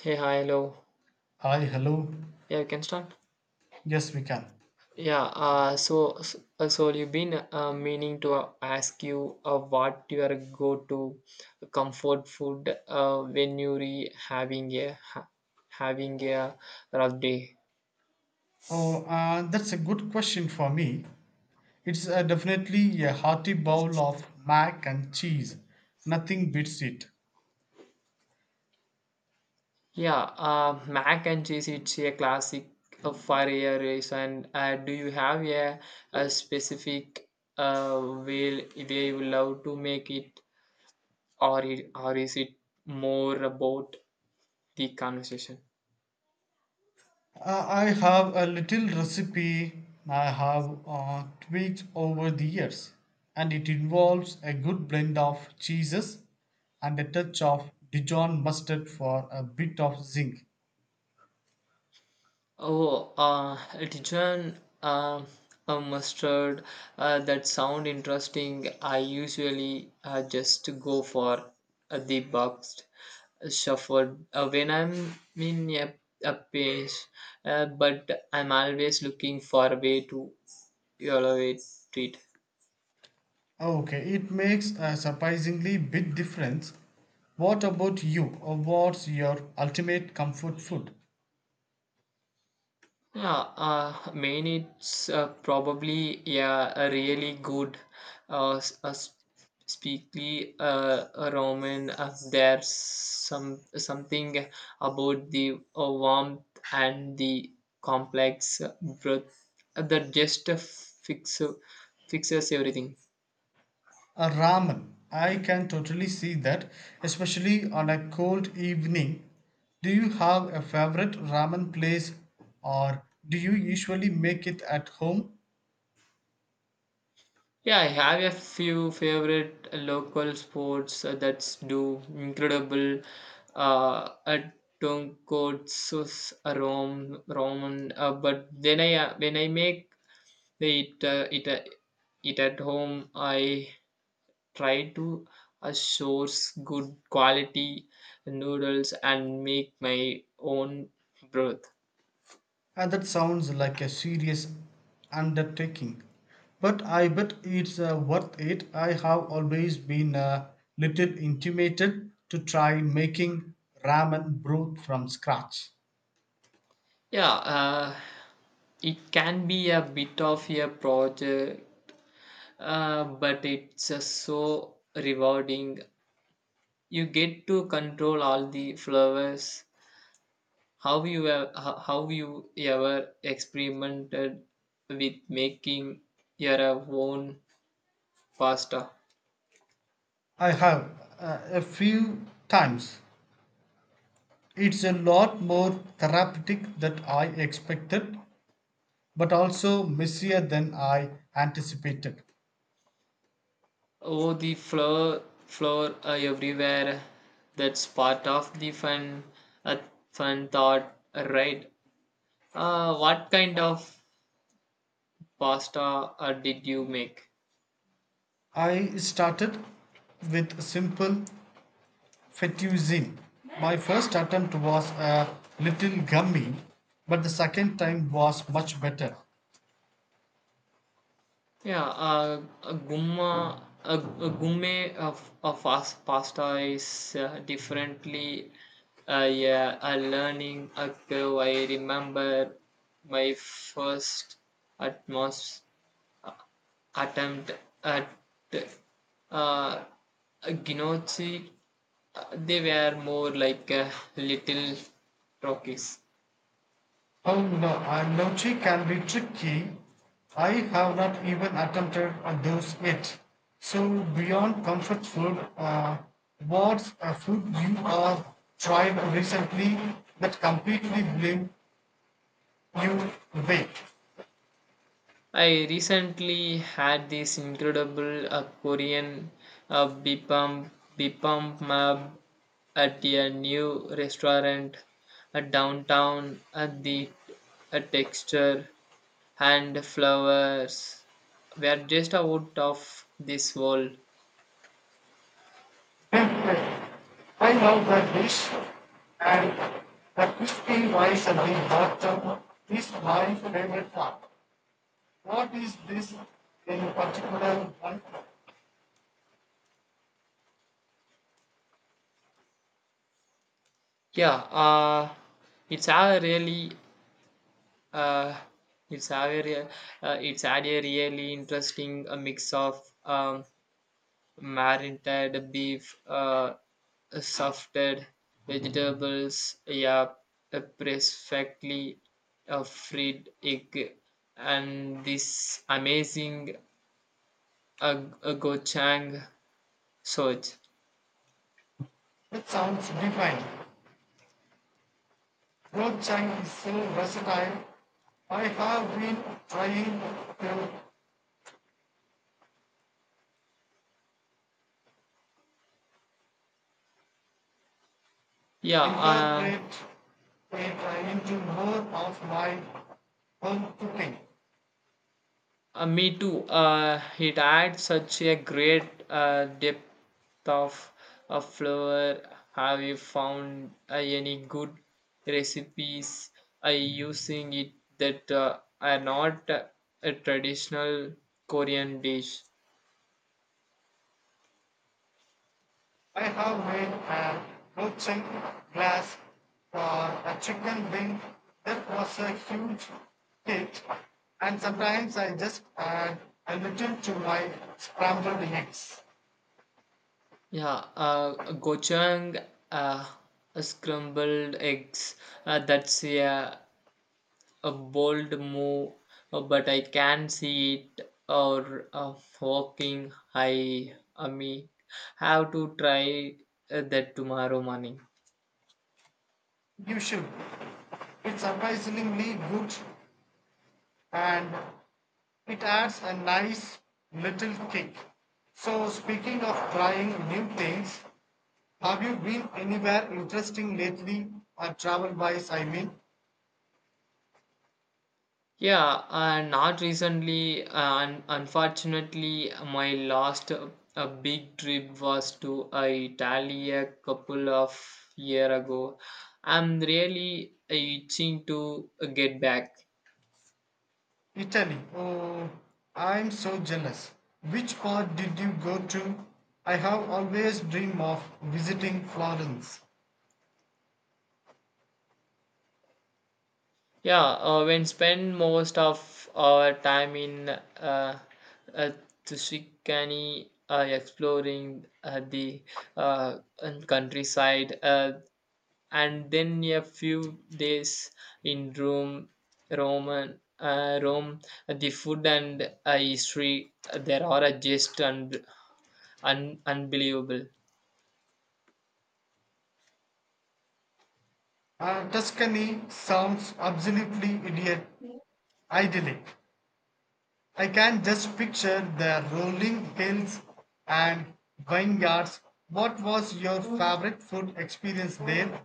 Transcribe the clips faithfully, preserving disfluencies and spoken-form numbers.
Hey, hi, hello. Hi, hello. Yeah, you can start. Yes, we can. Yeah, uh, so so uh, so you've been uh, meaning to uh, ask you uh, what your go-to comfort food uh, when you're having a ha- having a rough day. Oh, uh, that's a good question for me. It's uh, definitely a hearty bowl of mac and cheese. Nothing beats it. Yeah, uh, mac and cheese it's a classic uh, for a reason. Uh, do you have a, a specific uh, way way you love to make it, or it, or is it more about the conversation? Uh, I have a little recipe I have uh, tweaked over the years, and it involves a good blend of cheeses and a touch of Dijon mustard for a bit of zinc. Oh, uh, Dijon, um, a mustard. Uh, that sound interesting. I usually uh, just go for uh, the boxed uh, shuffled uh, when I'm in a, a pace, uh, but I'm always looking for a way to elevate it. Okay, it makes a surprisingly big difference. What about you? What's your ultimate comfort food? Yeah, uh, main it's uh, probably yeah a really good uh, s- uh s- speakly uh a Roman. Uh, there's some something about the uh, warmth and the complex uh, breath uh, that just uh, fix uh, fixes everything. A ramen. I can totally see that, especially on a cold evening. Do you have a favorite ramen place or do you usually make it at home? Yeah, I have a few favorite local sports uh, that do incredible uh, at tonkotsu rom ramen. Uh, but then I uh, when I make it uh, it uh, it at home, I try to uh, source good quality noodles and make my own broth. And that sounds like a serious undertaking, but I bet it's uh, worth it. I have always been a little intimidated to try making ramen broth from scratch. Yeah, uh, it can be a bit of a project. Uh, but it's uh, so rewarding. You get to control all the flowers. How you ev- ho- how you ever experimented with making your own pasta? I have uh, a few times. It's a lot more therapeutic than I expected, but also messier than I anticipated. Oh, the flower flower uh, everywhere. That's part of the fun uh, fun thought, right? Uh, what kind of pasta uh, did you make? I started with simple Fettuccine. My first attempt was a little gummy, but the second time was much better. Yeah, uh, a gumma, a, a gourmet of, of fast pasta is uh, differently. Uh, yeah, a learning a curve. I remember my first atmos attempt at uh, a gnocchi. Uh, they were more like uh, little rockies. Oh no, and nochi can be tricky. I have not even attempted those yet. So beyond comfort food, uh, what's a food you have tried recently that completely blew you away? I recently had this incredible uh, Korean uh, bibimbap bibimbap at a new restaurant uh, downtown. Uh, the uh, texture and flavors were just out of this world. I love that dish and the crispy rice and the hot chop is my favorite part. What is this in particular one? Yeah, uh, it's a really uh, it's a very, uh, it's had a really interesting uh, mix of um, marinated beef, uh, softed vegetables, yeah, a perfectly uh, fried egg, and this amazing uh, gochang sauce. It sounds divine. Road Chang is so versatile. I have been trying to Yeah, uh, incorporate it into more of my home cooking. Uh, me too. Uh, it adds such a great uh, depth of, of flavor. Have you found uh, any good recipes uh, using it that uh, are not uh, a traditional Korean dish? I have made an rotting glass for a chicken wing that was a huge hit, and sometimes I just add a little to my scrambled eggs. Yeah, uh, gochujang, uh, scrambled eggs. Uh, that's yeah, a bold move, uh, but I can see it or uh, walking. I, I mean, have to try uh, that tomorrow morning. You should. It's surprisingly good and it adds a nice little kick. So, speaking of trying new things, have you been anywhere interesting lately, or travel wise? I mean. Yeah, uh, not recently. Uh, un- unfortunately, my last uh, a big trip was to uh, Italy a couple of year ago. I'm really itching to uh, get back. Italy. Oh, I'm so jealous. Which part did you go to? I have always dreamed of visiting Florence. Yeah, uh, when spend most of our time in uh, uh, Tushikani, uh, exploring uh, the uh, and countryside, uh, and then a few days in Rome, Roman, uh, Rome, the food and uh, history uh, there are uh, just un- un- unbelievable. Uh, Tuscany sounds absolutely idiot, idyllic. I can just picture the rolling hills and vineyards. What was your favorite food experience there?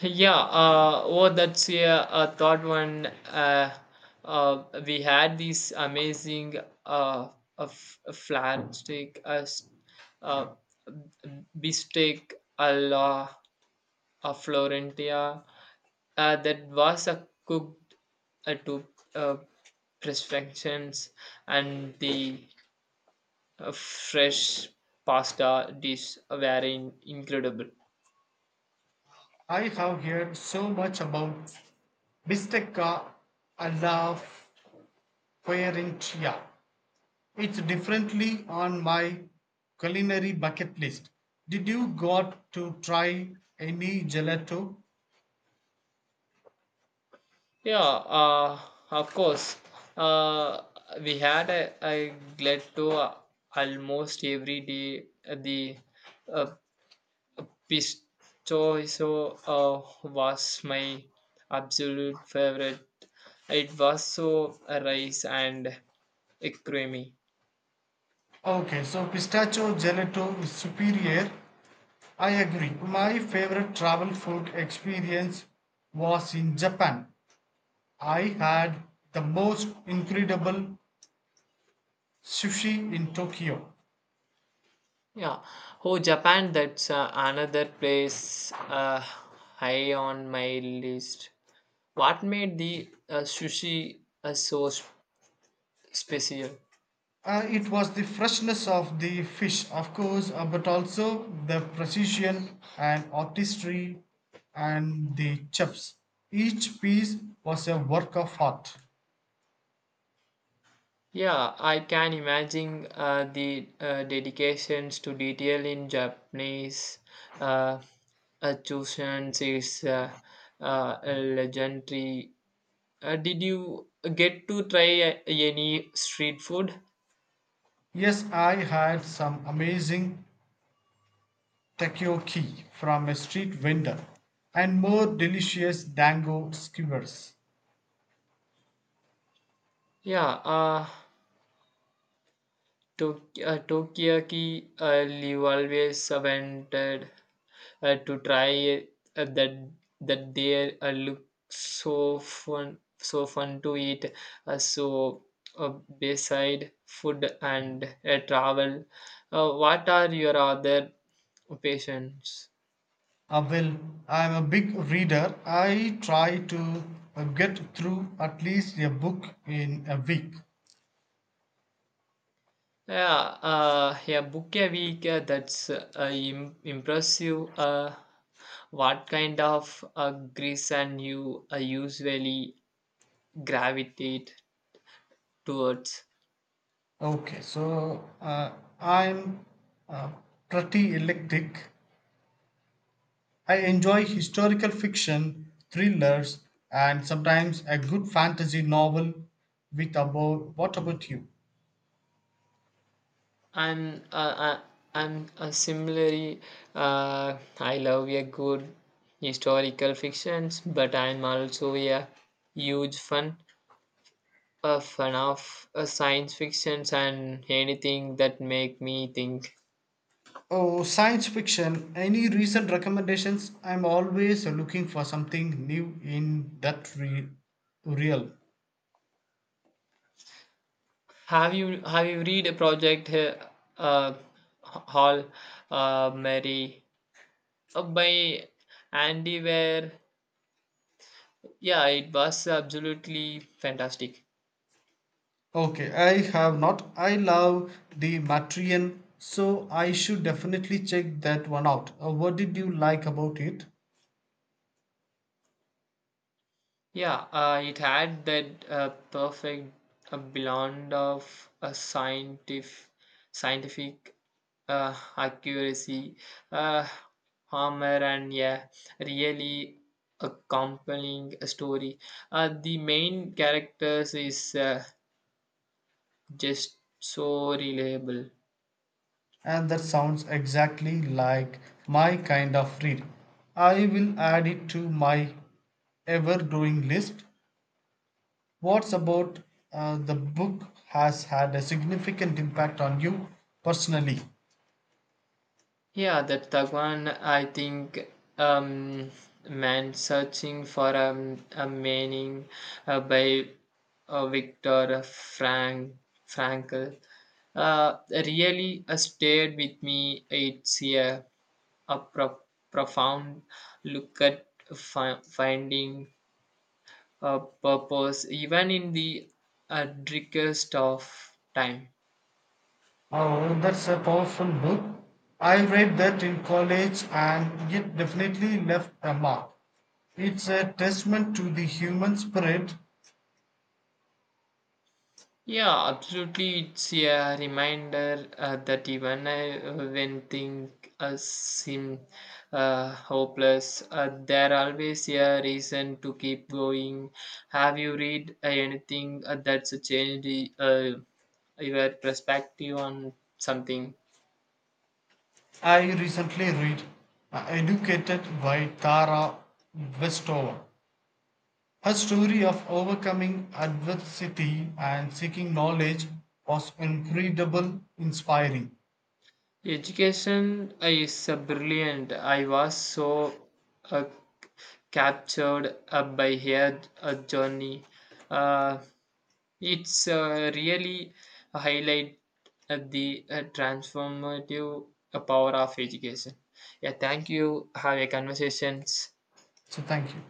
Yeah, uh, oh, that's yeah, a third one. Uh, uh, we had these amazing uh, of flat steak, uh, s- uh, beefsteak alla a Florentia uh, that was uh, cooked uh, to uh, perfections, and the uh, fresh pasta dish were in- incredible. I have heard so much about bistecca alla fiorentina. It's definitely on my culinary bucket list. Did you got to try any gelato? Yeah, uh, of course. Uh, we had a, a glad to uh, almost every day. Uh, The uh, pistacho uh, was my absolute favorite. It was so rice and creamy. Okay, so pistachio gelato is superior. I agree. My favorite travel food experience was in Japan. I had the most incredible sushi in Tokyo. Yeah. Oh, Japan, that's uh, another place uh, high on my list. What made the uh, sushi uh, so s- special? Uh, it was the freshness of the fish, of course, uh, but also the precision and artistry and the chips. Each piece was a work of art. Yeah, I can imagine uh, the uh, dedications to detail in Japanese uh, uh, Choshuns is uh, uh, legendary. Uh, did you get to try uh, any street food? Yes, I had some amazing takoyaki from a street vendor and more delicious dango skewers. Yeah, uh, Tok- uh, Tokiyaki uh, you always wanted uh, to try uh, that that they uh, look so fun so fun to eat uh, so uh, beside food and uh, travel uh, what are your other passions? Uh, well, I am a big reader. I try to uh, get through at least a book in a week. Yeah, uh, yeah, book a week uh, that's uh, im- impressive. Uh, what kind of uh, grease and you uh, usually gravitate towards? Okay, so uh, I'm uh, pretty eclectic. I enjoy historical fiction, thrillers, and sometimes a good fantasy novel. With about what about you? I'm uh, I, I'm uh, Similarly, uh, I love a good historical fictions, but I'm also a huge fan a fan of uh, science fictions and anything that make me think. Oh, science fiction. Any recent recommendations? I'm always looking for something new in that re- realm. Have you have you read a project uh, uh, Hall uh, Mary uh, by Andy Ware? Yeah, it was absolutely fantastic. Okay, I have not. I love the Matrian, so I should definitely check that one out. Uh, what did you like about it? Yeah, uh, it had that uh, perfect uh, blend of a scientific, scientific uh, accuracy, uh, humor, and yeah, really a compelling story. Uh, the main characters is uh, just so reliable. And that sounds exactly like my kind of read. I will add it to my ever growing list. What's about uh, the book has had a significant impact on you personally? Yeah, that Tagwan, I think, um, man searching for a, a meaning uh, by uh, Victor Frank Frankl uh, really uh, stayed with me. It's a, a pro- profound look at fi- finding a purpose, even in the uh, darkest of time. Oh, that's a powerful book. I read that in college and it definitely left a mark. It's a testament to the human spirit. Yeah, absolutely. It's a reminder uh, that even uh, when things uh, seem uh, hopeless, uh, there always a reason to keep going. Have you read uh, anything uh, that's changed uh, your perspective on something? I recently read uh, Educated by Tara Westover. Her story of overcoming adversity and seeking knowledge was incredible, inspiring. Education uh, is uh, brilliant. I was so uh, captured uh, by her uh, journey. Uh, It's uh, really highlight at the uh, transformative uh, power of education. Yeah, thank you. Have a conversations. So thank you.